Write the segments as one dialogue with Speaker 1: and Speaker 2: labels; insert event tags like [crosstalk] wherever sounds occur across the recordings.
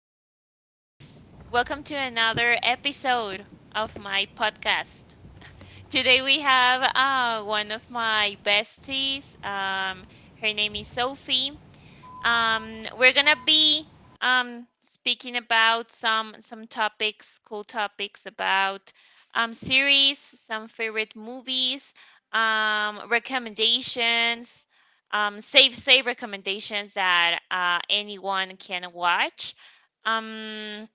Speaker 1: So, this welcome to another episode of my podcast. Today we have one of my besties. Her name is Sophie. We're gonna be speaking about some topics, cool topics about series, some favorite movies, recommendations, safe recommendations that anyone can watch. Um,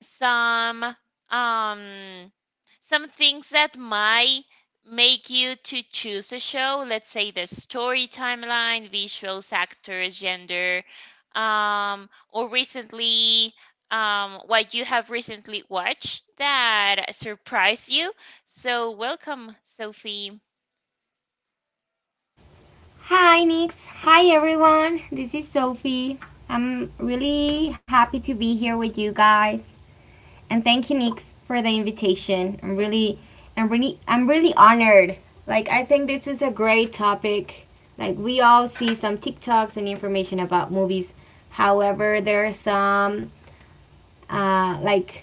Speaker 1: some um some things that might make you to choose a show. Let's say the story, timeline, visuals, actors, gender, or recently what you have recently watched that surprised you. So, welcome, Sophie.
Speaker 2: Hi, Nix. Hi, everyone. This is Sophie. I'm really happy to be here with you guys, and thank you, Nix, for the invitation. I'm really honored. Like, I think this is a great topic. Like, we all see some TikToks and information about movies. However, there are some like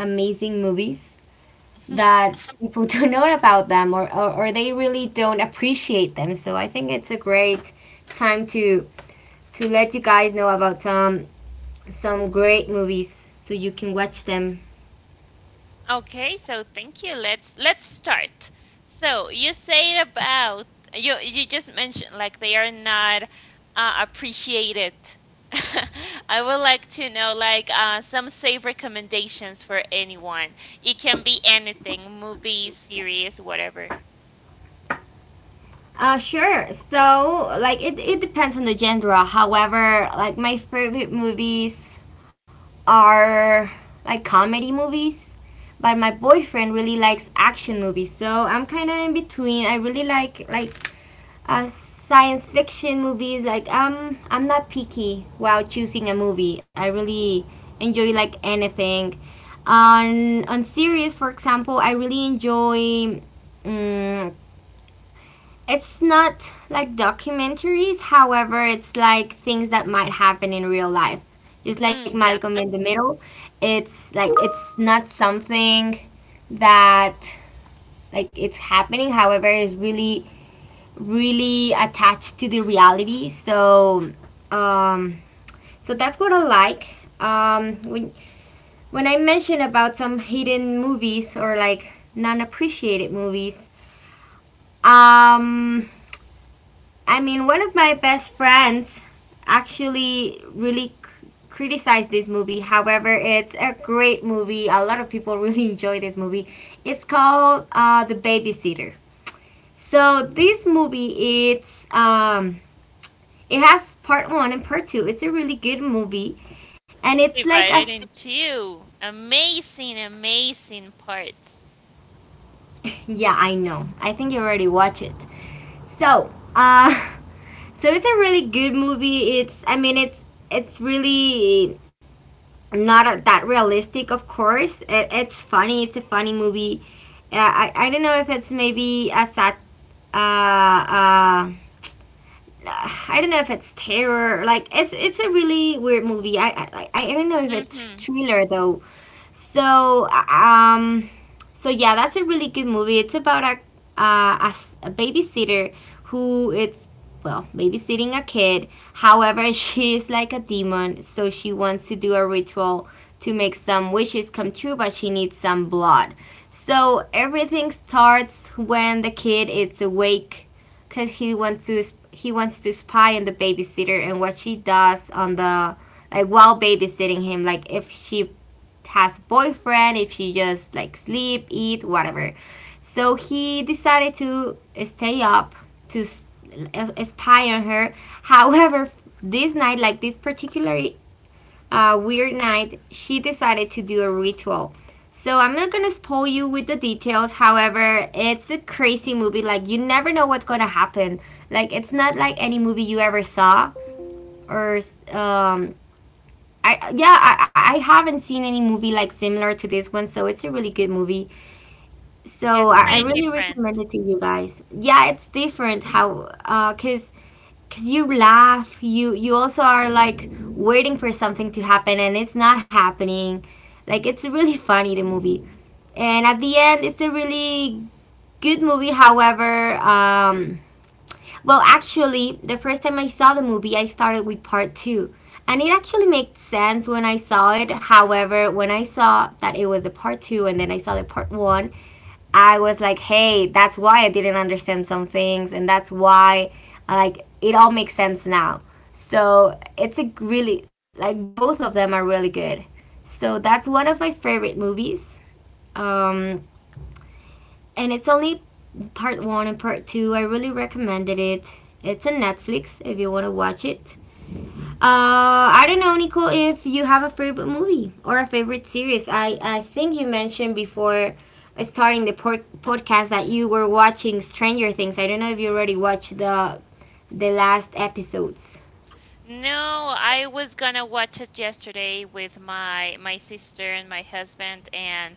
Speaker 2: amazing movies
Speaker 1: [laughs]
Speaker 2: that people [laughs] don't know about them or they really don't appreciate them. So I think it's a great time to let you guys know about some great movies so you can watch them.
Speaker 1: Okay, so thank you. Let's start. So you say about you you just mentioned like they are not appreciated. [laughs] I would like to know like some safe recommendations for anyone. It can be anything, movie, series, whatever.
Speaker 2: Sure. So like it depends on the genre. However, like my favorite movies are like comedy movies, but my boyfriend really likes action movies. So I'm kind of in between. I really like Uh, science fiction movies, like I'm not picky while choosing a movie. I really enjoy like anything. On series, for example, I really enjoy. Um, it's not like documentaries. However, it's like things that might happen in real life. Just like
Speaker 1: Mm, yeah,
Speaker 2: Malcolm in the Middle, it's like it's not something that like it's happening. However, it's really attached to the reality. So, um, so that's what I like. Um, when when I mention about some hidden movies or like non appreciated movies, um, I mean one of my best friends actually really criticized this movie. However, it's a great movie. A lot of people [laughs] really enjoy this movie. It's called The Babysitter. So this movie, it has part one and part two. It's a really good movie. And it's like a.
Speaker 1: divided
Speaker 2: s-
Speaker 1: in two. Amazing, amazing parts.
Speaker 2: yeah, I know. I think you already watched it. So, [laughs] So it's a really good movie. It's. I mean, it's. It's really not that realistic, of course. It's funny. It's a funny movie. I don't know if it's maybe a sat. Uh, uh, I don't know if it's terror. Like it's a really weird movie. I don't know if it's
Speaker 1: Mm-hmm.
Speaker 2: thriller though. So um, so yeah, that's a really good movie. It's about a babysitter who is well babysitting a kid. However, [laughs] she is like a demon, so she wants to do a ritual to make some wishes come true, but she needs some blood. So everything starts when the kid is awake because he wants to spy on the babysitter and what she does on the like while babysitting him, like if she has boyfriend, if she just like sleep eat whatever. So he decided to stay up to spy on her. However, this night, like this particular weird night, she decided to do a ritual. So I'm not gonna spoil you with the details. However, it's a crazy movie. Like you never know what's gonna happen. Like it's not like any movie you ever saw, or um, I yeah, I haven't seen any movie like similar to this one. So it's a really good movie.
Speaker 1: Yeah,
Speaker 2: So
Speaker 1: it's
Speaker 2: I
Speaker 1: pretty
Speaker 2: really recommend
Speaker 1: different.
Speaker 2: it to you guys. Yeah, it's different how cause because you laugh, you also are like waiting for something to happen and it's not happening. Like it's really funny the movie, and at the end it's a really good movie. However, well actually the first time I saw the movie I started with part two, and it actually made sense when I saw it. However, when I saw that it was a part two and then I saw the part one, I was like, hey, that's why I didn't understand some things, and that's why, like, it all makes sense now. So it's a really, like, both of them are really good. So that's one of my favorite movies. Um, and it's only part one and part two. I really recommended it. It's on Netflix if you want to watch it. I don't know, Nicole, if you have a favorite movie or a favorite series. I think you mentioned before starting the podcast that you were watching Stranger Things. I don't know if you already watched the last episodes.
Speaker 1: No, I was gonna watch it yesterday with my sister and my husband, and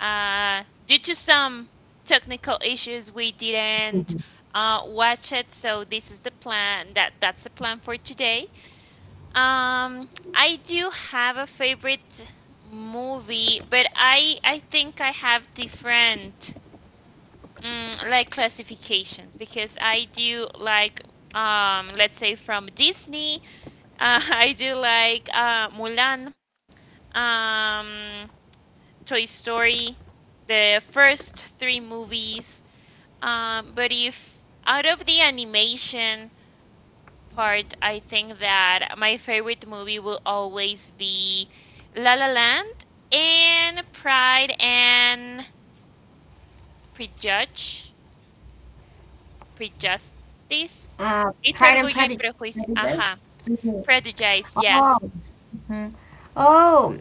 Speaker 1: due to some technical issues, we didn't watch it. So this is the plan. That's the plan for today. I do have a favorite movie, but I think I have different like classifications because I do like let's say from Disney. [laughs] I do like Mulan, um, Toy Story, the first three movies. But if out of the animation part, I think that my favorite movie will always be La La Land and Pride and Prejudge, Prejustice.
Speaker 2: Uh,
Speaker 1: It's
Speaker 2: Pride and
Speaker 1: Orgullo y
Speaker 2: Prejudice.
Speaker 1: Prejuicio.
Speaker 2: Prejudice?
Speaker 1: Ajá.
Speaker 2: Mhm.
Speaker 1: Prejudice,
Speaker 2: Oh.
Speaker 1: yes.
Speaker 2: Mhm. Oh,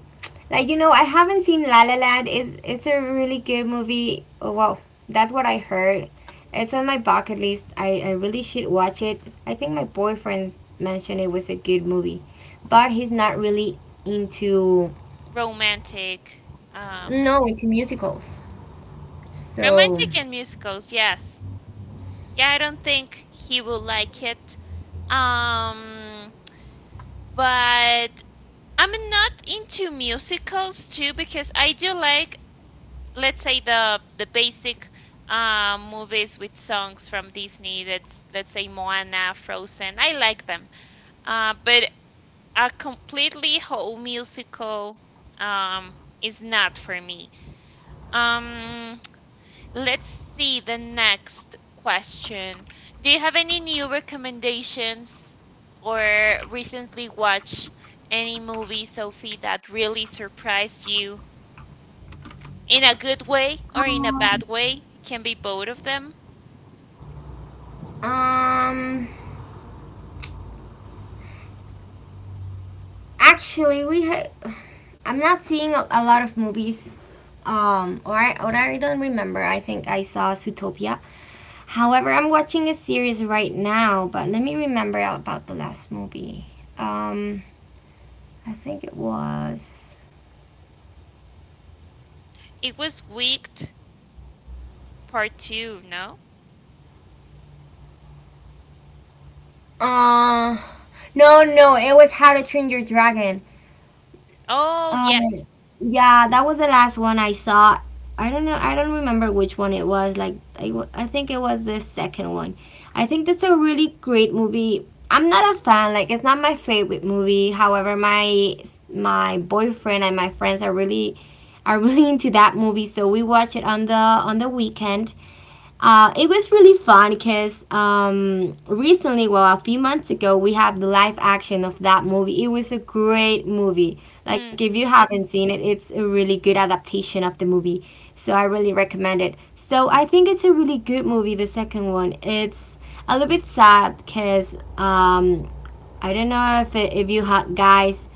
Speaker 2: like you know, I haven't seen La La Land. Is It's a really good movie. Oh, well, that's what I heard. It's on my bucket list. I really should watch it. I think my boyfriend mentioned it was a good movie, but he's not really into
Speaker 1: Romantic. Um,
Speaker 2: no into musicals. So
Speaker 1: Romantic and musicals, yes. Yeah, I don't think he will like it. Um, but I'm not into musicals too because I do like, let's say the basic movies with songs from Disney. That's let's say Moana, Frozen. I like them. But a completely whole musical um is not for me. Um, Let's see the next question. Do you have any new recommendations or recently watched any movie, Sophie, that really surprised you in a good way or in a
Speaker 2: um,
Speaker 1: bad way? It can be both of them.
Speaker 2: um actually, I'm not seeing a lot of movies. Or I don't remember. I think I saw Zootopia. However, I'm watching a series right now, but let me remember about the last movie. Um, I think it was.
Speaker 1: It was Wicked Part 2, no?
Speaker 2: Uh, no, no, it was How to Train Your Dragon.
Speaker 1: Oh, yes.
Speaker 2: Um, yeah, that was the last one I saw. I don't know. I don't remember which one it was. Like, I think it was the second one. I think that's a really great movie. I'm not a fan. Like, it's not my favorite movie. However, my boyfriend and my friends are really [laughs] into that movie. So we watch it on the weekend. It was really fun because recently, well, a few months ago, we had the live action of that movie. It was a great movie. Like, if you
Speaker 1: hmm
Speaker 2: haven't seen it, it's a really good adaptation of the movie. So, I really recommend it. So, I think it's a really good movie, the second one. It's a little bit sad because I don't know if you guys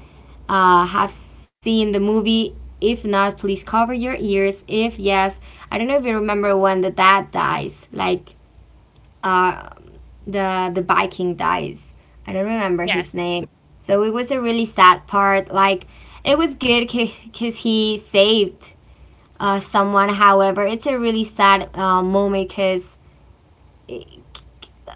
Speaker 2: have seen the movie. If not, please cover your ears. If yes, I don't know if you remember when the dad dies, like uh, the Viking dies. I don't remember his
Speaker 1: Yes.
Speaker 2: name. So it was a really sad part. Like it was good because he saved someone. However, it's a really sad moment because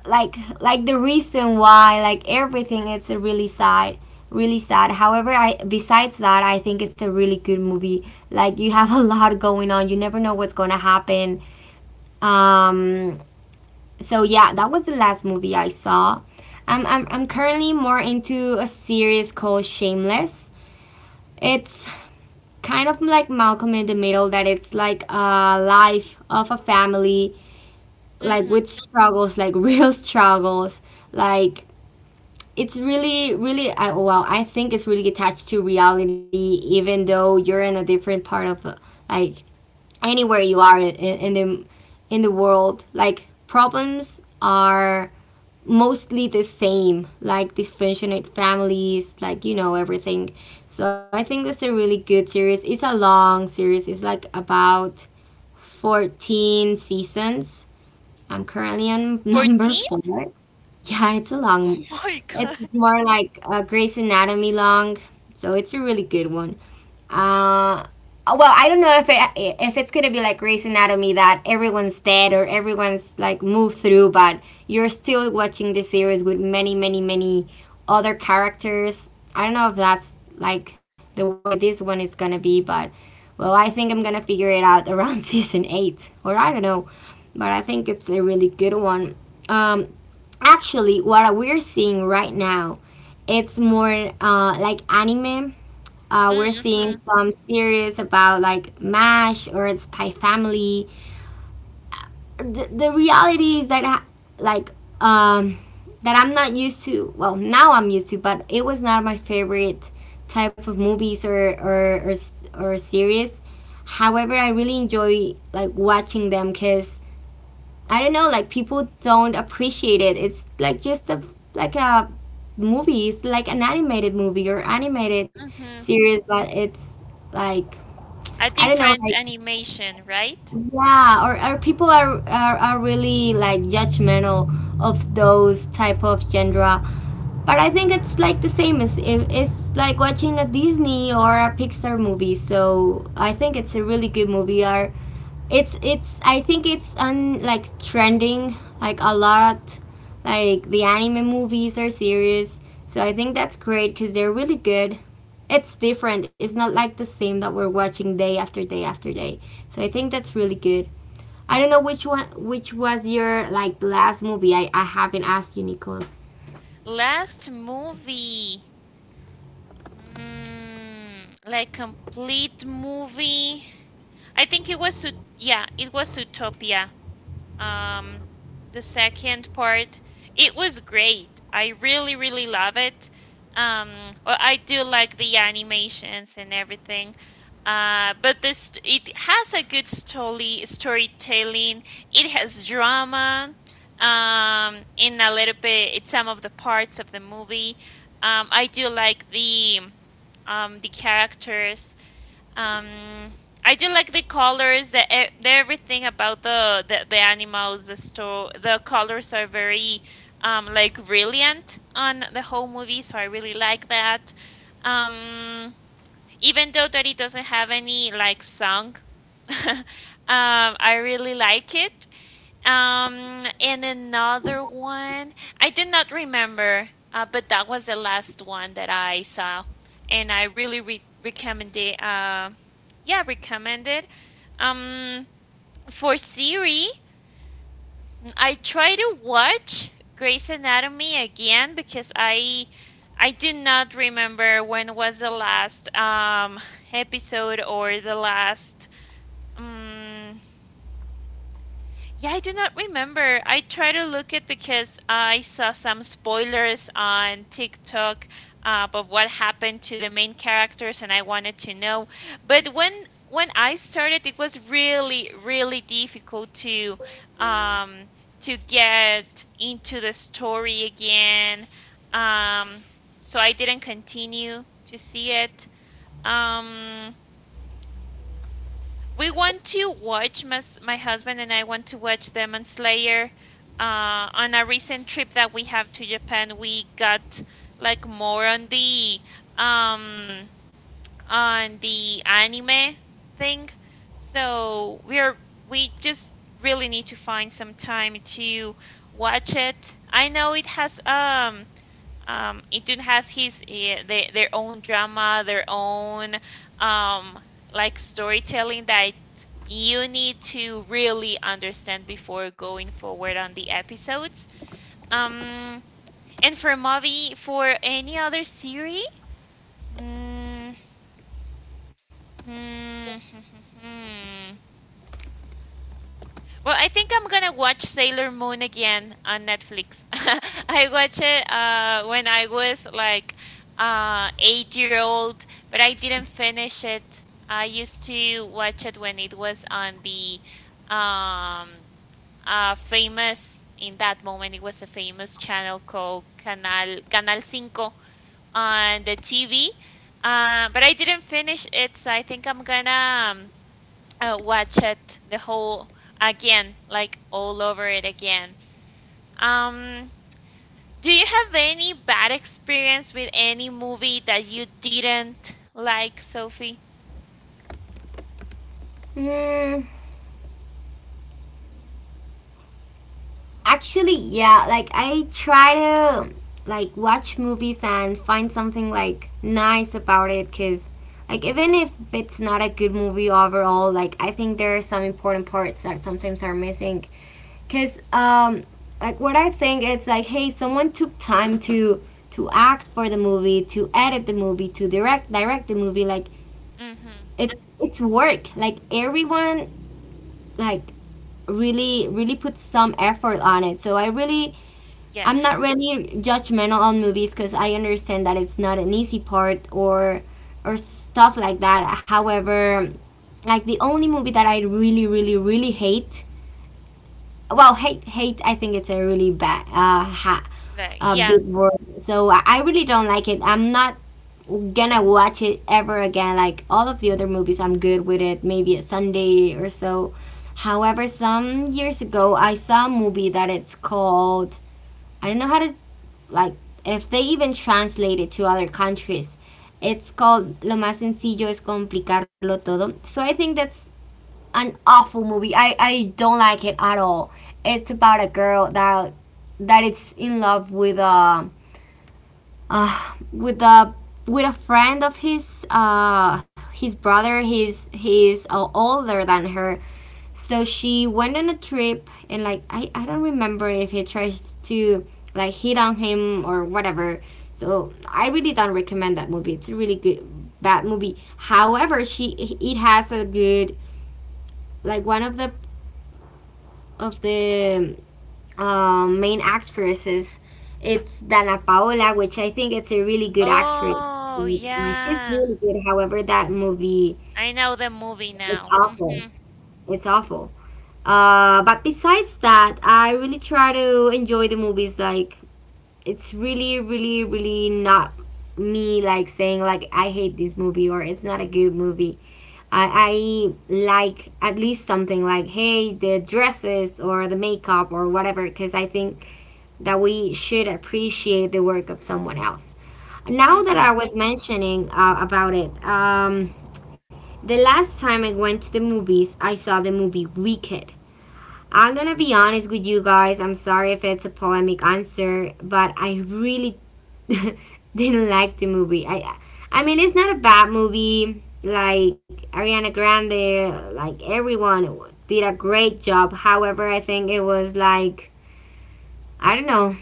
Speaker 2: the reason why, like, everything, it's a really sad, really sad. However, I besides that I think it's a really good movie. Like you have [laughs] a lot going on, you never know what's going to happen. um so yeah, that was the last movie I saw. I'm currently more into a series called Shameless. It's kind of like Malcolm in the Middle, that it's like a life of a family, like
Speaker 1: Hmm.
Speaker 2: with struggles, like [laughs] real struggles. Like it's really really I, well I think it's really attached to reality, even though you're in a different part of like anywhere you are in the world. Like problems are mostly the same, like dysfunctional families, like you know, everything. So I think that's a really good series. It's a long series, it's like about 14 seasons. I'm currently on [laughs] number
Speaker 1: 14? [laughs]
Speaker 2: four. Yeah, it's a long,
Speaker 1: Oh my
Speaker 2: it's
Speaker 1: God.
Speaker 2: more like Grey's Anatomy long, so it's a really good one. Uh, well, I don't know if it's gonna be like Grey's Anatomy that everyone's dead or everyone's like moved through, but you're still watching the series with many, many, many other characters. I don't know if that's like the way this one is gonna be, but well, I think I'm gonna figure it out around [laughs] season eight, or I don't know, but I think it's a really good one. Um, Actually, what we're seeing right now, it's more like anime. We're seeing
Speaker 1: Mm-hmm.
Speaker 2: some series about like MASH or Spy Family. The reality is that like um, that I'm not used to. Well, now I'm used to, but it was not my favorite type of movies or series. However, I really enjoy like watching them because I don't know, like people don't appreciate it. It's like just a movie. It's like an animated movie or animated
Speaker 1: Mm-hmm.
Speaker 2: series, but it's like
Speaker 1: A
Speaker 2: I don't know,
Speaker 1: different
Speaker 2: like
Speaker 1: animation, right?
Speaker 2: yeah, or people are really like judgmental of those type of genre. But I think it's like the same as if it's like watching a Disney or a Pixar movie. So I think it's a really good movie. Are it's I think it's on like trending, like a lot, like the anime movies or series. So I think that's great because they're really good. It's different. It's not like the same that we're watching day after day after day. So I think that's really good. I don't know which one, which was your like last movie. I haven't asked you, Nicole.
Speaker 1: Last movie. Like complete movie. I think it was yeah, it was Utopia. Um, the second part. It was great. I really, really love it. Well, I do like the animations and everything. But this it has a good storytelling. It has drama. In a little bit, in some of the parts of the movie. I do like the characters. Um, I do like the colors, the everything about the animals. The colors are very like brilliant on the whole movie, so I really like that. Um, even though that it doesn't have any like song, [laughs] um, I really like it. And another one, I did not remember, but that was the last one that I saw, and I really re recommend it. Yeah, recommend it. Um, for Siri, I try to watch Grey's Anatomy again because I do not remember when was the last episode or the last. um. Yeah, I do not remember. I try to look at because I saw some spoilers on TikTok of what happened to the main characters, and I wanted to know. But when I started, it was really difficult to um, get into the story again. Um, so I didn't continue to see it. Um, we want to watch my, my husband and I want to watch Demon Slayer. On a recent trip that we have to Japan, we got like more on um the anime thing. So we just really need to find some time to watch it. I know it has Intune has his eh, their own drama, their own um like storytelling that you need to really understand before going forward on the episodes. Um, and for movie, for any other series, mm, hmm, hmm, hmm, hmm. Well, I think I'm gonna watch Sailor Moon again on Netflix. [laughs] I watched it when I was like 8-year-old, but I didn't finish it. I used to watch it when it was on the um, famous, in that moment, it was a famous channel called Canal Cinco on the TV. But I didn't finish it, so I think I'm gonna watch it the whole again, like all over it again. Um, do you have any bad experience with any movie that you didn't like, Sophie?
Speaker 2: Mm, Actually, yeah, like I try to watch movies and find something nice about it cuz like even if it's not a good movie overall, like I think there are some important parts that sometimes are missing cuz like what I think it's like hey, someone took time to act for the movie, to edit the movie, to direct the movie like
Speaker 1: Mm-hmm.
Speaker 2: it's work. Like everyone like really put some effort on it. So I really I'm not
Speaker 1: Yes.
Speaker 2: really judgmental on movies because I understand that it's not an easy part or stuff like that. However, like the only movie that I really, really, really hate. Well, hate, hate. I think it's a really bad,
Speaker 1: Like,
Speaker 2: a
Speaker 1: yeah.
Speaker 2: big word. So I really don't like it. I'm not gonna watch it ever again. Like all of the other movies, I'm good with it. Maybe a Sunday or so. However, some years ago, I saw a movie that it's called. I don't know how to like if they even translate it to other countries, it's called lo más sencillo es complicarlo todo, so I think that's an awful movie. I don't like it at all. It's about a girl that is in love with a uh, with a with a friend of his, his brother. He's older than her. So she went on a trip and like I don't remember if he tries to like hit on him or whatever. So I really don't recommend that movie. It's a really good bad movie. However, she it has a good like one of the of the main actresses, it's Dana Paola, which I think it's a really good actress.
Speaker 1: Oh,
Speaker 2: Like, she's
Speaker 1: yeah.
Speaker 2: really good. However, that movie,
Speaker 1: I know the movie
Speaker 2: it's
Speaker 1: now.
Speaker 2: awful.
Speaker 1: Mm-hmm.
Speaker 2: It's awful. But besides that, I really try to enjoy the movies. Like, it's really, really, really not me like saying like I hate this movie or it's not a good movie. I like at least something like hey, the dresses or the makeup or whatever, because I think that we should appreciate the work of someone else. Now that I
Speaker 1: Mm-hmm.
Speaker 2: was mentioning about it, the last time I went to the movies, I saw the movie Wicked. I'm gonna be honest with you guys. I'm sorry if it's a polemic answer, but I really [laughs] didn't like the movie. I mean, it's not a bad movie. Like Ariana Grande, like everyone did a great job. However, I think it was like I don't know.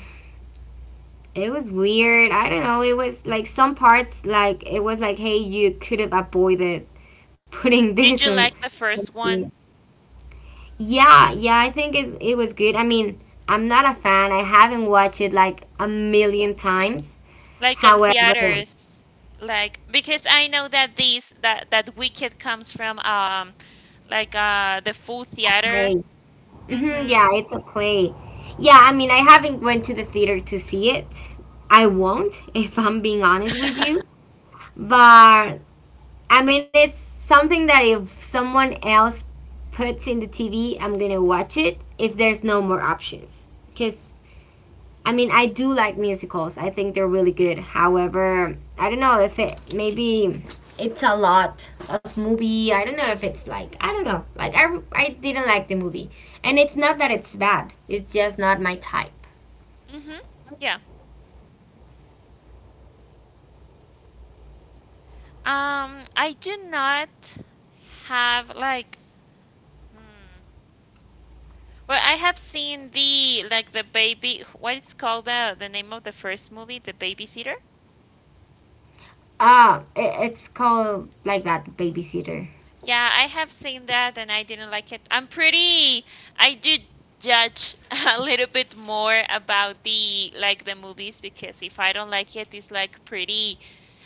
Speaker 2: It was weird. I don't know. It was like some parts, like it was like, hey, you could have avoided [laughs] putting this
Speaker 1: Did you
Speaker 2: and.
Speaker 1: like the first one?
Speaker 2: Yeah, yeah. It was good. I mean, I'm not a fan. I haven't watched it like a million times.
Speaker 1: Like on
Speaker 2: However, it's
Speaker 1: theaters? Like because I know that these that that Wicked comes from like the full
Speaker 2: a play.
Speaker 1: theater.
Speaker 2: Hmm,
Speaker 1: Mm-hmm.
Speaker 2: yeah, it's a play. Yeah, I mean, I haven't went to the theater to see it. I won't, [laughs] if I'm being honest with you. But I mean, it's something that if someone else puts in the TV, I'm gonna watch it if there's no more options. Because, I mean, I do like musicals, I think they're really good. However, I don't know if it maybe it's a lot of movie. I don't know if it's like, I don't know. Like, I didn't like the movie. And it's not that it's bad, it's just not my type.
Speaker 1: Mm-hmm. Yeah. I do not have like hmm. Well, I have seen the like the baby what it's called the name of the first movie, The Babysitter.
Speaker 2: It's called like that, Babysitter.
Speaker 1: Yeah, I have seen that and I didn't like it. I do judge [laughs] a little bit more about the movies because if I don't like it, it's like pretty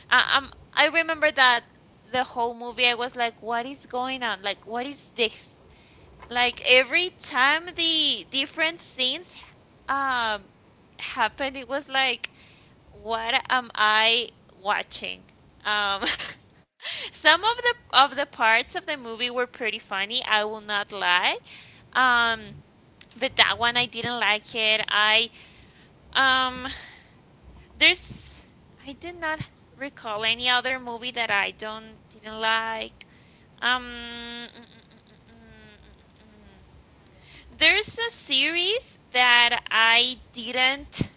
Speaker 1: I, I remember that the whole movie I was like, what is going on? Like, what is this? Like every time the different scenes um happened, it was like, what am I watching? Um, [laughs] some of the parts of the movie were pretty funny, I will not lie. Um, but that one I didn't like it. Um there's I do not recall any other movie that I don't didn't like. Um, mm, mm, mm, mm, mm, mm, mm, mm. mm. There's a series that I didn't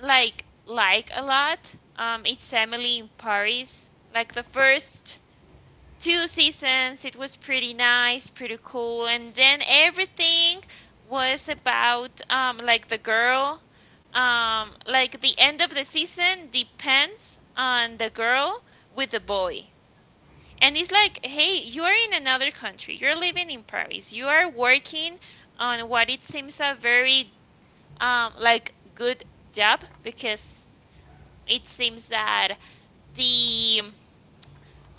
Speaker 1: like a lot. It's Emily in Paris. Like the first two seasons, it was pretty nice, pretty cool, and then everything was about like the girl. Like the end of the season depends on the girl with the boy. And it's like, hey, you're in another country. You're living in Paris. You are working on what it seems a very like good job because it seems that the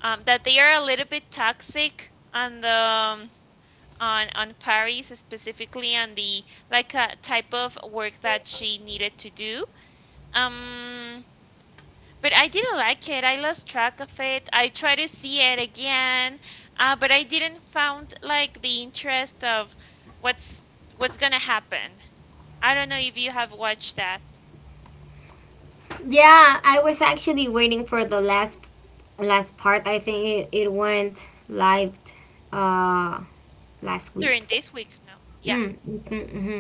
Speaker 1: that they are a little bit toxic on the on Paris specifically on the like a type of work that she needed to do. Um But I didn't like it. I lost track of it. I tried to see it again, but I didn't found like the interest of what's what's gonna happen. I don't know if you have watched that
Speaker 2: Yeah, I was actually waiting for the last part. I think it went live uh last week.
Speaker 1: during this week. No. Yeah.
Speaker 2: Mm, mm hmm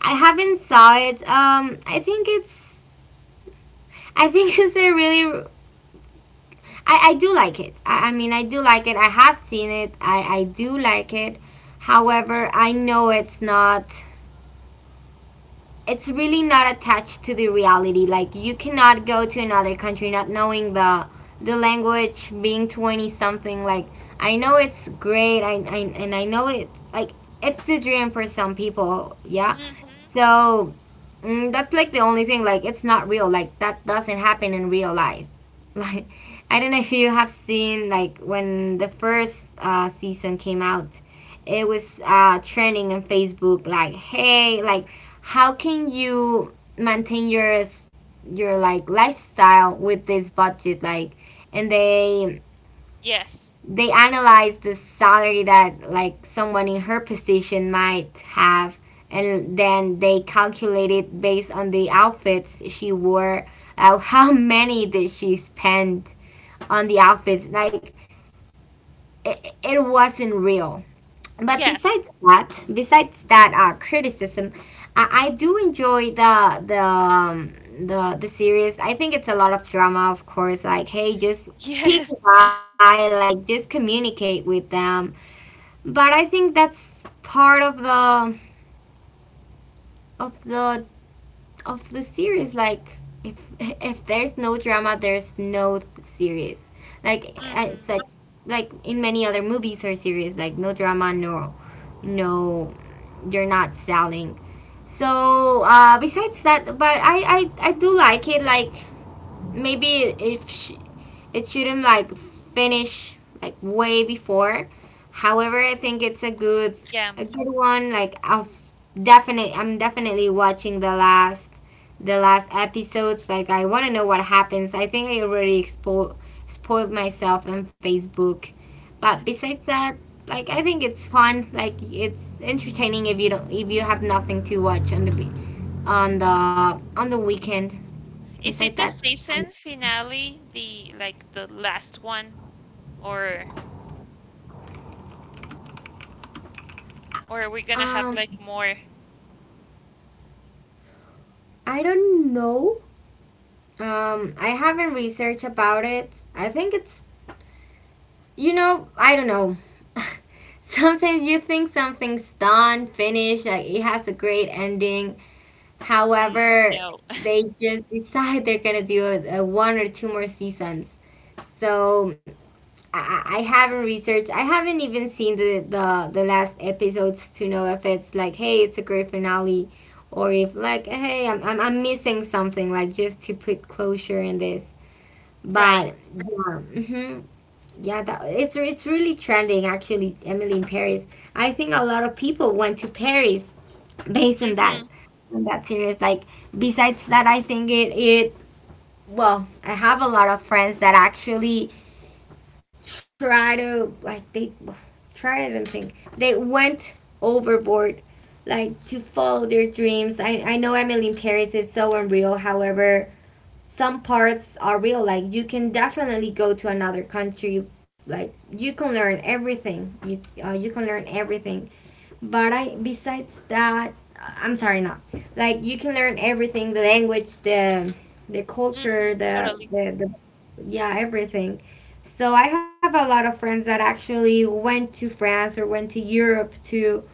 Speaker 2: I haven't saw it. I think it's I think [laughs] it's a really I do like it. I mean I do like it. I have seen it. I do like it. However, I know it's not, it's really not attached to the reality. Like you cannot go to another country not knowing the language, being 20 something. Like I know it's great, I and I know it. Like it's the dream for some people, yeah.
Speaker 1: Mm-hmm.
Speaker 2: So mm, that's like the only thing. Like it's not real. Like that doesn't happen in real life. [laughs] Like I don't know if you have seen like when the first season came out, it was trending on Facebook like, hey, like how can you maintain your like lifestyle with this budget like, and
Speaker 1: Yes.
Speaker 2: they analyze the salary that like someone in her position might have, and then they calculate it based on the outfits she wore. [laughs] How many did she spend on the outfits like, it wasn't real. But besides
Speaker 1: Yes. [laughs]
Speaker 2: that, criticism, I do enjoy the the series. I think it's a lot of drama, of course. Like, hey, just pick
Speaker 1: Yes.
Speaker 2: a guy, like just communicate with them. But I think that's part of the of the of the series. Like, if [laughs] if there's no drama, there's no series. Like
Speaker 1: Mm-hmm.
Speaker 2: such like in many other movies or series, like no drama, no, you're not selling. So besides that, but I do like it. Like maybe if sh- it shouldn't like finish like way before. However, I think it's
Speaker 1: Yeah.
Speaker 2: a good one. Like I'm definitely watching the last episodes. Like I want to know what happens. I think I already spoiled myself on Facebook. But besides that, like I think it's fun. Like it's entertaining if you don't if you have nothing to watch on on the the weekend,
Speaker 1: Is
Speaker 2: besides
Speaker 1: it
Speaker 2: that.
Speaker 1: the season finale, the last one, or or are we gonna have
Speaker 2: um
Speaker 1: like more?
Speaker 2: I don't know. I haven't researched about it. I think it's, you know, I don't know. [laughs] Sometimes you think something's done, finished, like it has a great ending,
Speaker 1: Than
Speaker 2: however
Speaker 1: no.
Speaker 2: they just [laughs] decide they're gonna do a one or two more seasons. So I haven't researched. I haven't even seen the the last episodes to know if it's like, hey, it's a great finale, or if like, hey, I'm missing something, like just to put closure in this.
Speaker 1: [laughs] Right.
Speaker 2: But yeah, yeah, it's really trending actually. Emily in Paris. I think a lot of people went to Paris based on that
Speaker 1: Mm-hmm.
Speaker 2: series. Like besides that, I think it it well, I have a lot of friends that actually try to like they try I don't think they went overboard like to follow their dreams. I know Emily in Paris is so unreal, however, some parts are real. Like you can definitely go to another country. Like you can learn everything. You you can learn everything. But I besides that, I'm sorry, not like you can learn everything. The language, the culture,
Speaker 1: Mm-hmm. Totally.
Speaker 2: the yeah, everything. So I have a lot of friends that actually went to France or went to Europe to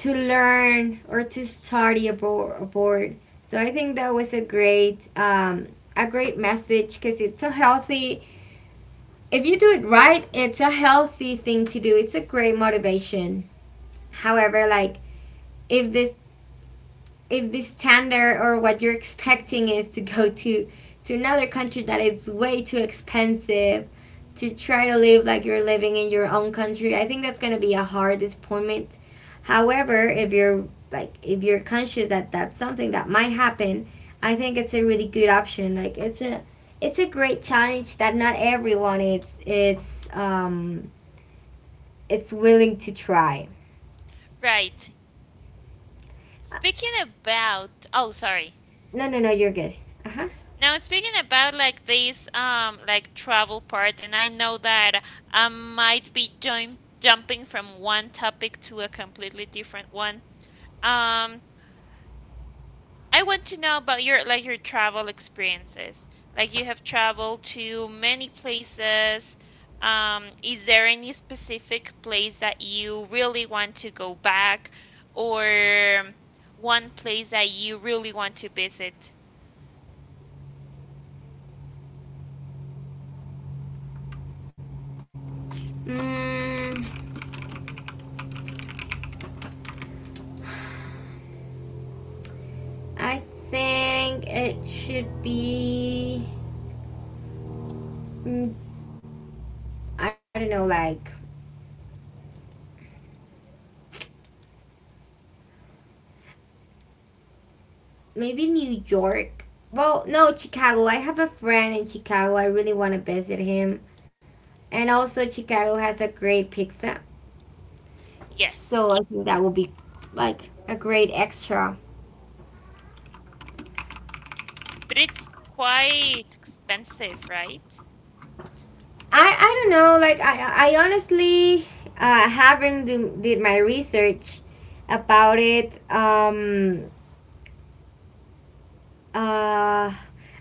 Speaker 2: learn or to study abroad. So I think that was a great message because it's a healthy. If you do it right, it's a healthy thing to do. It's a great motivation. However, like if this if the standard or what you're expecting is to go to another country that it's way too expensive to try to live like you're living in your own country, I think that's going to be a hard disappointment. However, if you're like if you're conscious that that's something that might happen, I think it's a really good option. Like it's a great challenge that not everyone is it's willing to try.
Speaker 1: Right.
Speaker 2: Uh,
Speaker 1: Speaking about, oh, sorry.
Speaker 2: no, no, no, you're good. Uh-huh.
Speaker 1: Now, speaking about like this, like travel part, and I know that I might be join jumping from one topic to a completely different one. Um, I want to know about your travel experiences. Like you have traveled to many places. Is there any specific place that you really want to go back, or one place that you really want to visit?
Speaker 2: Mm, I think it should be. Mm, I don't know, like maybe New York. Well, no, Chicago. I have a friend in Chicago. I really want to visit him. And also, Chicago has a great pizza.
Speaker 1: Yes,
Speaker 2: So I think that would be like a great extra.
Speaker 1: but it's quite expensive, right?
Speaker 2: I don't know, like, I honestly haven't do, did my research about it. Uh,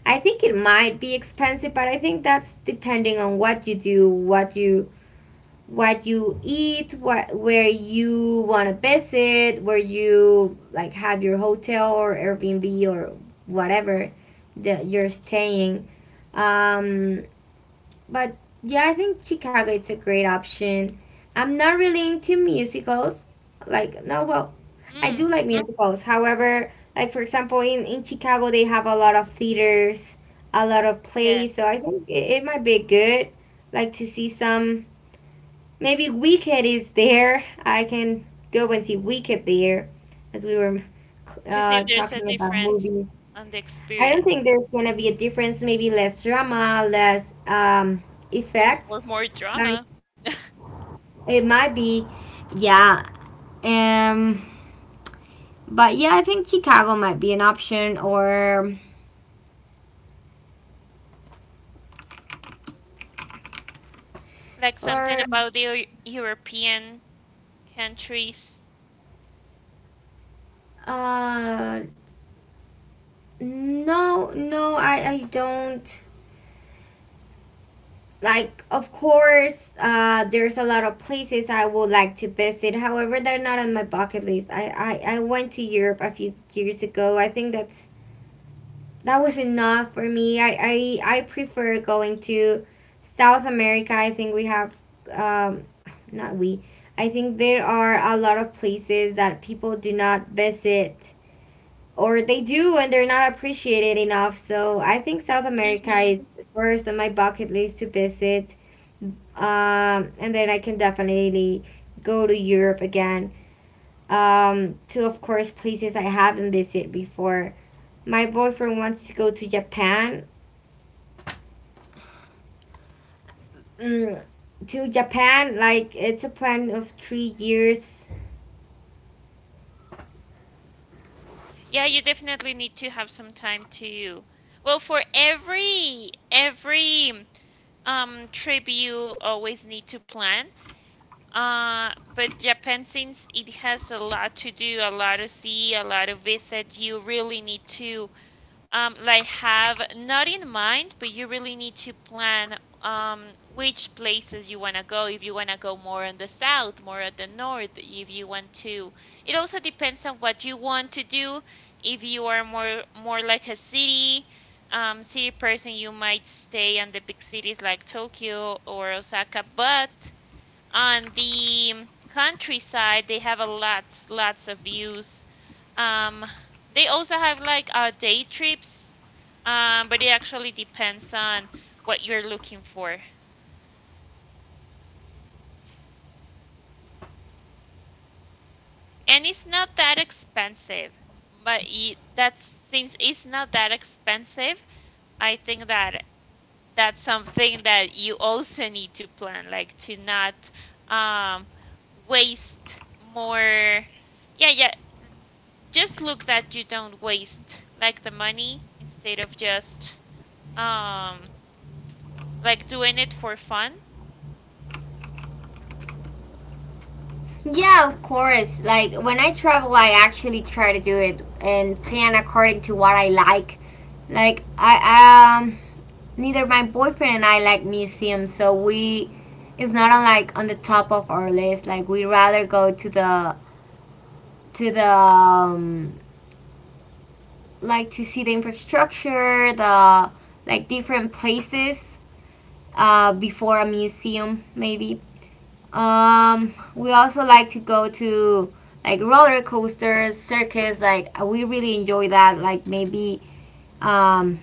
Speaker 2: I think it might be expensive, but I think that's depending on what you do, what you eat, what where you want to visit, where you like have your hotel or Airbnb or whatever that you're staying. Um, but yeah, I think Chicago it's a great option. I'm not really into musicals. Like no, well, I do
Speaker 1: Mm,
Speaker 2: like Mm, musicals. However, like for example, in Chicago they have a lot of theaters, a lot of plays. So
Speaker 1: yes.
Speaker 2: I think it might be good. Like to see some. Maybe Wicked is there. I can go and see Wicked there, as we were
Speaker 1: To see if there's a
Speaker 2: talking about
Speaker 1: difference
Speaker 2: movies.
Speaker 1: on the
Speaker 2: I don't
Speaker 1: experience
Speaker 2: think there's gonna be a difference. Maybe less drama, less
Speaker 1: or
Speaker 2: effects.
Speaker 1: more
Speaker 2: Like
Speaker 1: drama,
Speaker 2: it might be, yeah. Um, but yeah, I think Chicago might be an option, or
Speaker 1: like something
Speaker 2: or
Speaker 1: about the European countries.
Speaker 2: uh, no, no, I don't like. Of course, there's a lot of places I would like to visit. However, they're not on my bucket list. I went to Europe a few years ago. I think that was enough for me. I prefer going to South America. I think we have, um, not we, I think there are a lot of places that people do not visit, or they do and they're not appreciated enough. So I think South America
Speaker 1: hmm
Speaker 2: is first on my bucket list to visit. And then I can definitely go to Europe again. To, of course, places I haven't visited before. My boyfriend wants to go to Japan. mm, to Japan? Like, it's a plan of 3 years.
Speaker 1: Yeah, you definitely need to have some time to. Well, for every trip, you always need to plan. But Japan, since it has a lot to do, a lot to see, a lot to visit, you really need to like have not in mind, but you really need to plan which places you want to go. If you want to go more on the south, more at the north, if you want to. It also depends on what you want to do. If you are more like a city person, you might stay on the big cities like Tokyo or Osaka, but on the countryside they have a lots of views. um they also have like day trips. But it actually depends on what you're looking for, and it's not that expensive. But that's, since it's not that expensive, I think that that's something that you also need to plan, like to not um waste more. Yeah, yeah, just look that you don't waste like the money instead of just um like doing it for fun.
Speaker 2: Yeah, of course. Like, when I travel, I actually try to do it and plan according to what I like. Like I Neither my boyfriend and I like museums, so we it's not on, like, on the top of our list. Like, we rather go to the, to the um, like, to see the infrastructure, the, like, different places, before a museum maybe. We also like to go to, like, roller coasters, circus. Like, we really enjoy that. Like, maybe, um,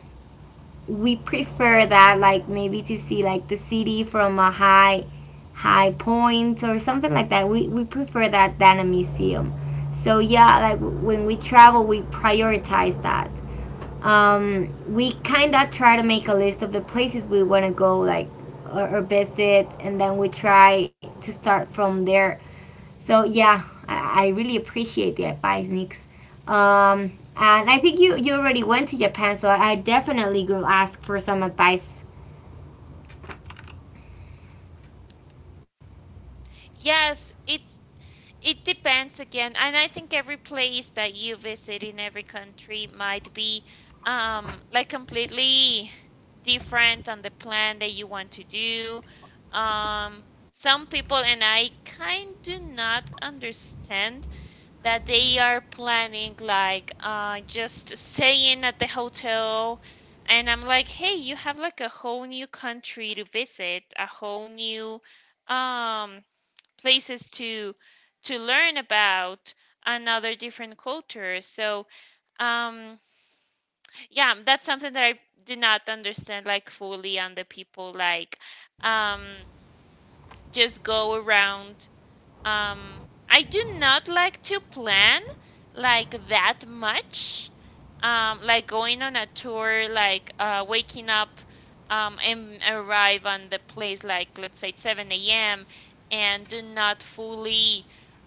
Speaker 2: we prefer that. Like, maybe to see, like, the city from a high point or something like that. We prefer that than a museum. So yeah, like, when we travel, we prioritize that. We kind of try to make a list of the places we want to go, like, or visit, and then we try to start from there. So yeah, I really appreciate the advice, Nix. And I think you already went to Japan, so I definitely will ask for some advice.
Speaker 1: Yes, it depends again, and I think every place that you visit in every country might be like completely different on the plan that you want to do. Um some people and I kind do not understand that they are planning like just staying at the hotel. And I'm like, "Hey, you have like a whole new country to visit, a whole new um places to learn about another different culture." So, um yeah, that's something that I do not understand like fully on the people like um just go around. um, I do not like to plan like that much. Like going on a tour, like waking up and arrive on the place, like let's say 7 a.m. and do not fully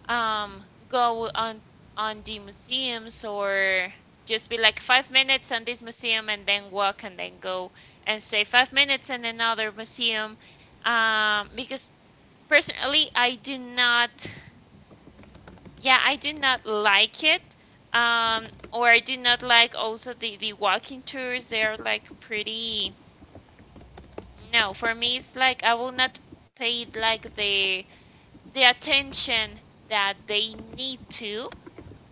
Speaker 1: go on the museums, or just be like 5 minutes on this museum and then walk and then go and stay 5 minutes in another museum, because personally I do not yeah I do not like it. um or I do not like also the walking tours. They're like pretty, no, for me it's like I will not pay like the attention that they need to.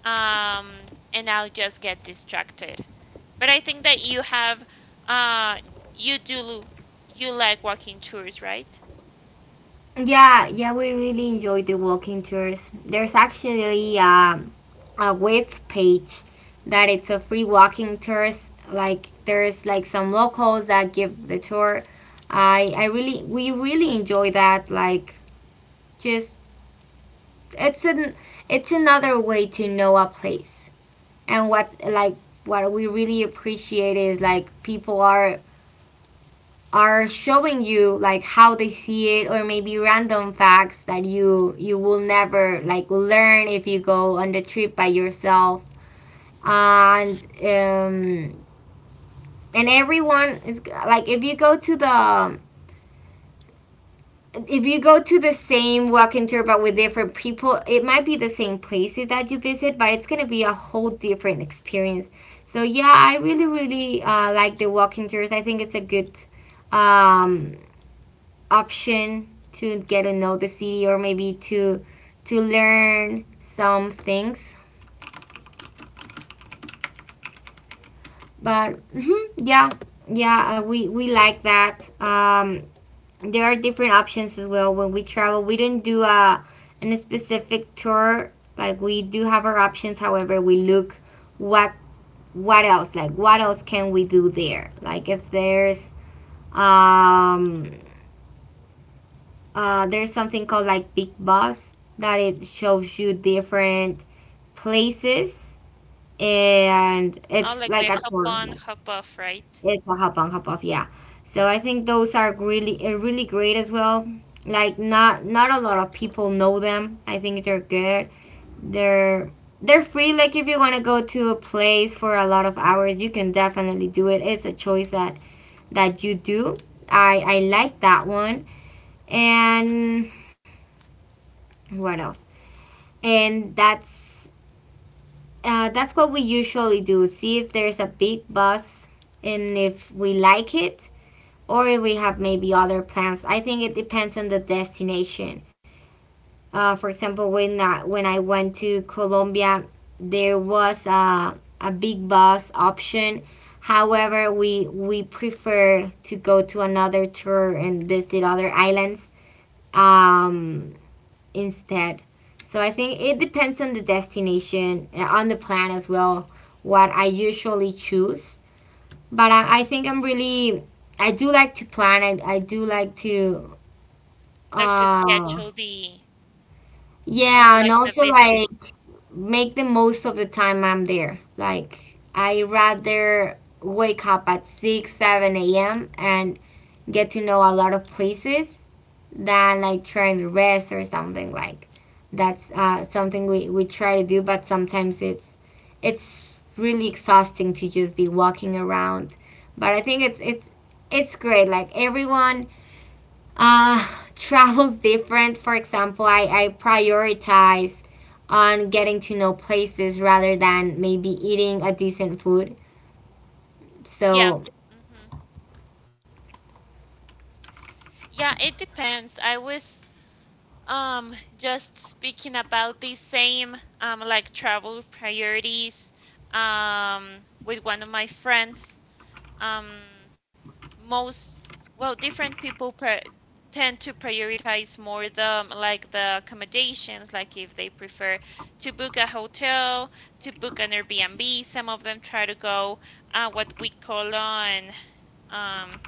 Speaker 1: um and I'll just get distracted. But I think that you have, uh you do, you like walking tours, right?
Speaker 2: Yeah, yeah, we really enjoy the walking tours. There's actually, a web page that it's a free walking tours. Like, there's like some locals that give the tour. I really we really enjoy that. Like, just, it's an it's another way to know a place. And what, like, what we really appreciate is, like, people are showing you, like, how they see it, or maybe random facts that you will never, like, learn if you go on the trip by yourself. And um and everyone is like, if you go to the, if you go to the same walking tour but with different people, it might be the same places that you visit, but it's gonna be a whole different experience. So yeah, I really, really, like the walking tours. I think it's a good, um, option to get to know the city, or maybe to learn some things. But, mhm, yeah, yeah, we like that. There are different options as well when we travel. We do not do a specific tour. Like, we do have our options. However, we look what what else like what else can we do there, like, if um there's something called, like, big bus that it shows you different places, and
Speaker 1: Oh,
Speaker 2: it's
Speaker 1: like
Speaker 2: like
Speaker 1: the
Speaker 2: a
Speaker 1: hop
Speaker 2: tour.
Speaker 1: on hop off, right?
Speaker 2: It's a hop on, hop off, yeah. So I think those are really, really great as well. Like, not a lot of people know them. I think they're good. They're they're free. Like, if you want to go to a place for a lot of hours, you can definitely do it. It's a choice that you do. I like that one. And what else? And that's That's what we usually do. See if there's a big bus, and if we like it, or we have maybe other plans. I think it depends on the destination. For example, when I went to Colombia, there was a big bus option. However, we preferred to go to another tour and visit other islands, um, instead. So I think it depends on the destination, on the plan as well. What I usually choose. But I think I'm really, I do like to plan. I do like to,
Speaker 1: Like to
Speaker 2: uh
Speaker 1: schedule the,
Speaker 2: yeah, and
Speaker 1: like the
Speaker 2: also, like,
Speaker 1: visits.
Speaker 2: make the most of the time I'm there. Like, I rather wake up at 6, 7 a.m. and get to know a lot of places, than, like, trying to rest or something. Like, that's something we try to do, but sometimes it's really exhausting to just be walking around. But I think it's great, like, everyone, uh, [laughs] travels different. For example, I prioritize on getting to know places rather than maybe eating a decent food,
Speaker 1: Yeah.
Speaker 2: so.
Speaker 1: hmm Yeah, it depends. I was just speaking about the same like travel priorities with one of my friends. Um Most, well, different people pri tend to prioritize more the like the accommodations, like if they prefer to book a hotel, to book an Airbnb. Some of them try to go what we call um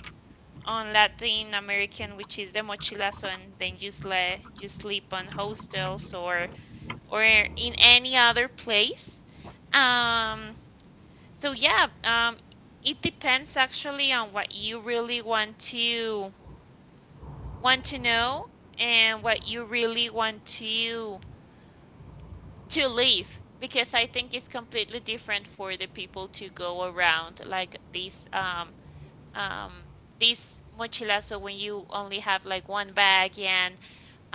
Speaker 1: on Latin American, which is the mochilazo, and then you, you sleep on hostels or in any other place. Um, so yeah, um, it depends actually on what you really want to know and what you really want to live. Because I think it's completely different for the people to go around like this, um, this mochilazo, when you only have like one bag and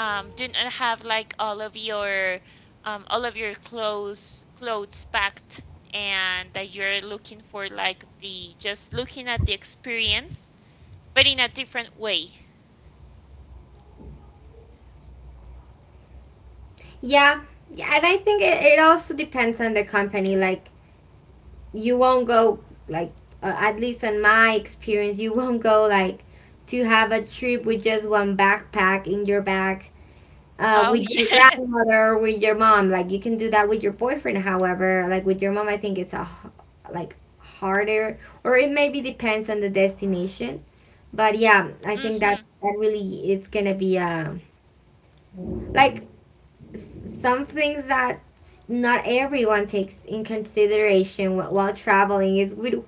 Speaker 1: do not have like all of your clothes packed, and that you're looking for like the, just looking at the experience, but in a different way.
Speaker 2: Yeah, yeah, and I think it also depends on the company. Like, you won't go, like, at least on my experience, you won't go, like, to have a trip with just one backpack in your bag,
Speaker 1: Oh
Speaker 2: with your
Speaker 1: yes. [laughs]
Speaker 2: grandmother, with your mom. Like, you can do that with your boyfriend, however, like with your mom, I think it's a like, harder. Or, it maybe depends on the destination. But yeah, I think that
Speaker 1: Mm-hmm.
Speaker 2: that really it's gonna be, like, some things that not everyone takes in consideration while traveling is with,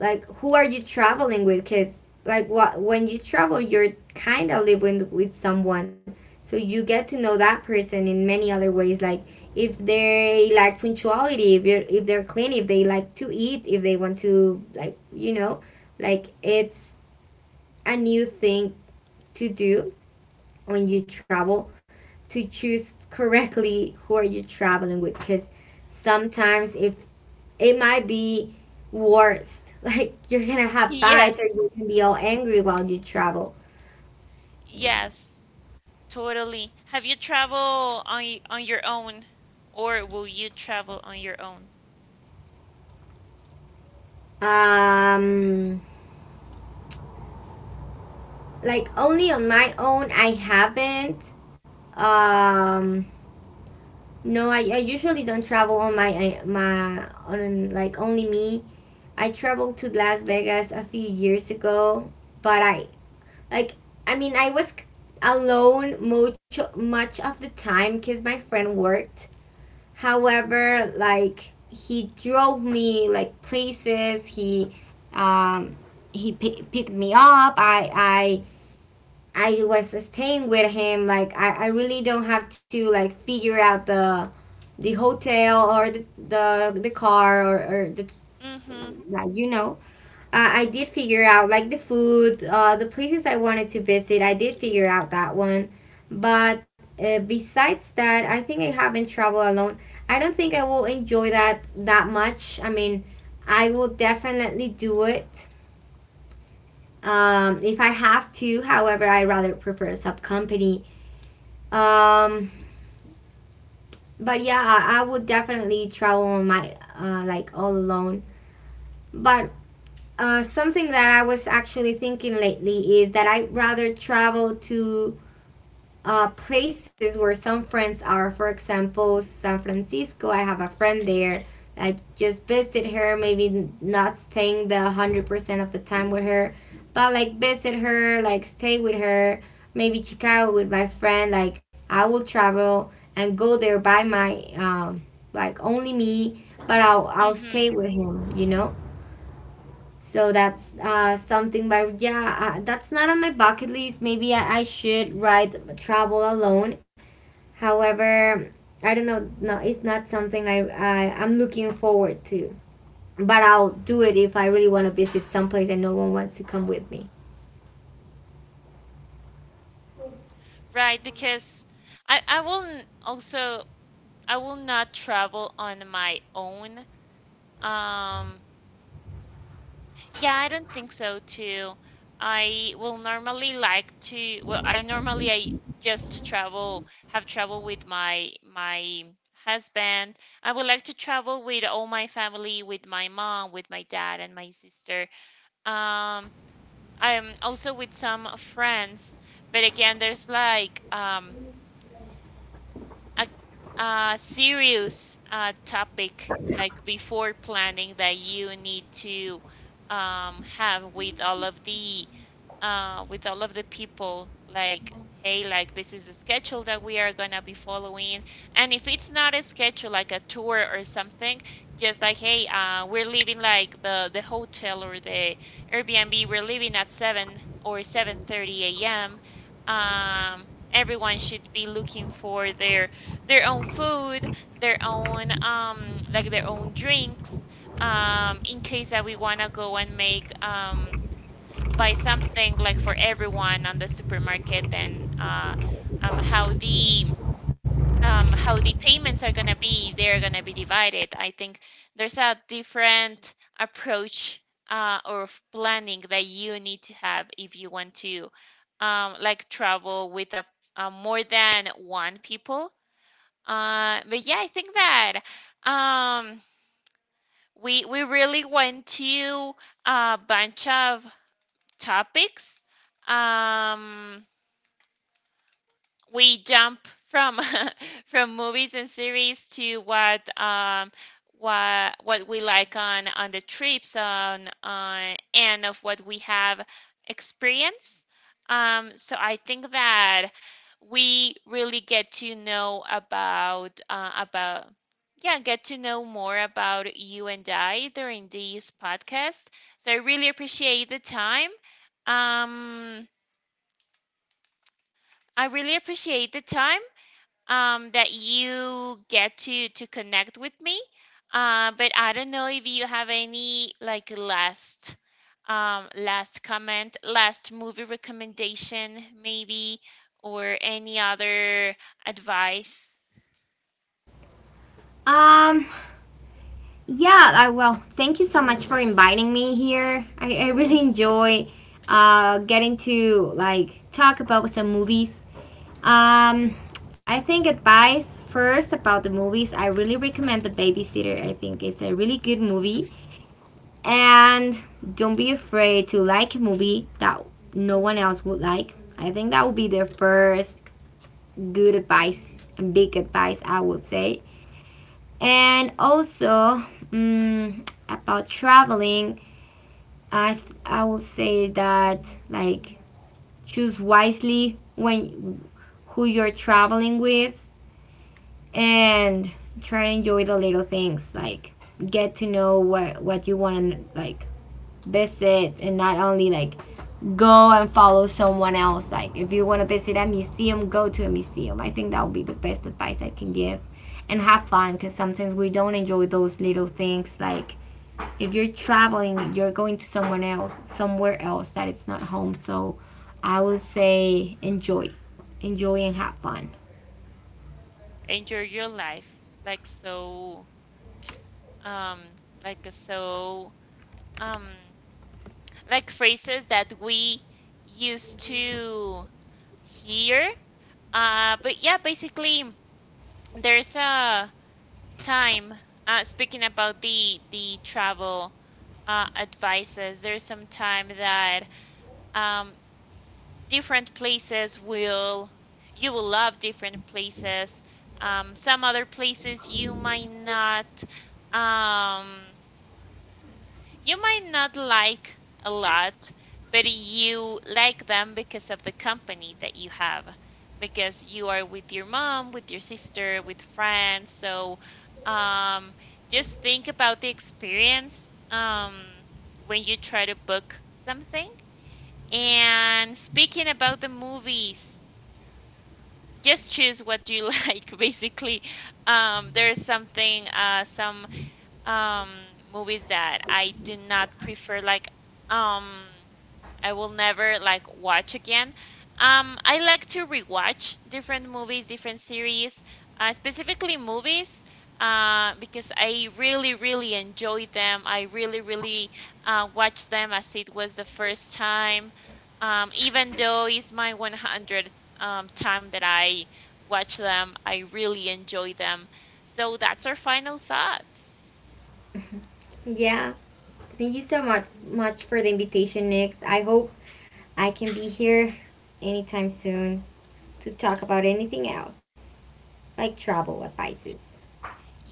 Speaker 2: like, who are you traveling with, because, like, what, when you travel, you're kind of living with someone. So you get to know that person in many other ways, like, if they like punctuality, if they're clean, if they like to eat, if they want to, like, you know, like, it's a new thing to do when you travel, to choose correctly who are you traveling with, because sometimes, if, it might be worst. [laughs] Like, you're gonna have
Speaker 1: Yes.
Speaker 2: fights, or you can be all angry while you travel.
Speaker 1: Yes. Totally. Have you traveled on on your own or will you travel on your own?
Speaker 2: Um like, only on my own, I haven't. Um no, I usually don't travel on my, my, on, like, only me. I traveled to Las Vegas a few years ago, but I, like, I mean, I was alone much of the time, cuz my friend worked. However, like, he drove me, like, places. Um, he picked me up. I was staying with him. Like, I really don't have to, like, figure out the hotel, or the, car, or the
Speaker 1: Mm-hmm.
Speaker 2: like you know. I did figure out, like, the food, the places I wanted to visit. I did figure out that one. But, besides that, I think I haven't traveled alone. I don't think I will enjoy that that much. I mean, I will definitely do it, if I have to. However, I rather prefer sub company. Um, but yeah, I would definitely travel on my, like, all alone. But, something that I was actually thinking lately is that I'd rather travel to, places where some friends are. For example, San Francisco. I have a friend there. I just visit her, maybe not staying the 100% of the time with her, but, like, visit her, like, stay with her. Maybe Chicago with my friend. Like, I will travel and go there by my, like, only me, but I'll
Speaker 1: Mm-hmm.
Speaker 2: stay with him, you know? So that's, something, but yeah, that's not on my bucket list. Maybe I should ride travel alone. However, I don't know. No, it's not something I'm looking forward to. But I'll do it if I really want to visit someplace and no one wants to come with me.
Speaker 1: Right, because I will n- also I will not travel on my own. Um, yeah, I don't think so too. I will normally like to, well, I normally I just travel, have travel with my husband. I would like to travel with all my family, with my mom, with my dad, and my sister. Um, I'm also with some friends, but again, there's like a, a serious topic like before planning that you need to have with all of the with all of the people, like, "Hey, like this is the schedule that we are gonna be following." And if it's not a schedule like a tour or something, just like, "Hey, we're leaving like the hotel or the Airbnb, we're leaving at 7 or 7:30 a.m. Everyone should be looking for their own food, their own like their own drinks. In case that we wanna go and make buy something like for everyone on the supermarket and uh um how the how the payments are gonna be, they're gonna be divided." I think there's a different approach or planning that you need to have if you want to like travel with a, more than one people. But yeah, I think that um, we really went to a bunch of topics. Um, we jump from [laughs] from movies and series to what what we like on the trips on and of what we have experienced. So I think that we really get to know about, about, yeah, get to know more about you and I during this podcast. So I really appreciate the time. Um, I really appreciate the time that you get to connect with me. But I don't know if you have any like last last comment, last movie recommendation, maybe, or any other advice.
Speaker 2: Um, yeah. Well, thank you so much for inviting me here. I really enjoy, getting to, like, talk about some movies. Um, I think, advice first, about the movies. I really recommend The Babysitter. I think it's a really good movie. And don't be afraid to like a movie that no one else would like. I think that would be the first good advice and big advice, I would say. And also, about traveling, I will say that, like, choose wisely, when, who you're traveling with, and try to enjoy the little things, like, get to know what you want to, like, visit, and not only, like, go and follow someone else. Like, if you want to visit a museum, go to a museum. I think that would be the best advice I can give. And have fun, because sometimes we don't enjoy those little things, like, if you're traveling, you're going to someone else, somewhere else that it's not home. So I would say, enjoy, enjoy, and have fun.
Speaker 1: Enjoy your life, like so, um, like so, um, like phrases that we used to hear. But yeah, basically, there's a Time. Speaking about the travel advices, there's some time that um, different places will, you will love different places. Some other places you might not. Um, you might not like a lot, but you like them because of the company that you have, because you are with your mom, with your sister, with friends. So um, just think about the experience when you try to book something. And speaking about the movies, just choose what you [laughs] like, basically. There's something, some um movies that I do not prefer, like um I will never like watch again. I like to rewatch different movies, different series, specifically movies because I really really enjoy them. I really really watch them as it was the first time. Even though it's my 100th time that I watch them, I really enjoy them. So that's our final thoughts.
Speaker 2: Yeah. Thank you so much for the invitation, Nix. I hope I can be here anytime soon to talk about anything else, like travel advices.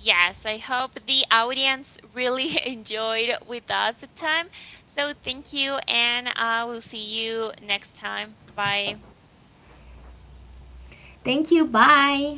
Speaker 1: Yes, I hope the audience really [laughs] enjoyed with us the time. So thank you, and I will see you next time. Bye.
Speaker 2: Thank you. Bye.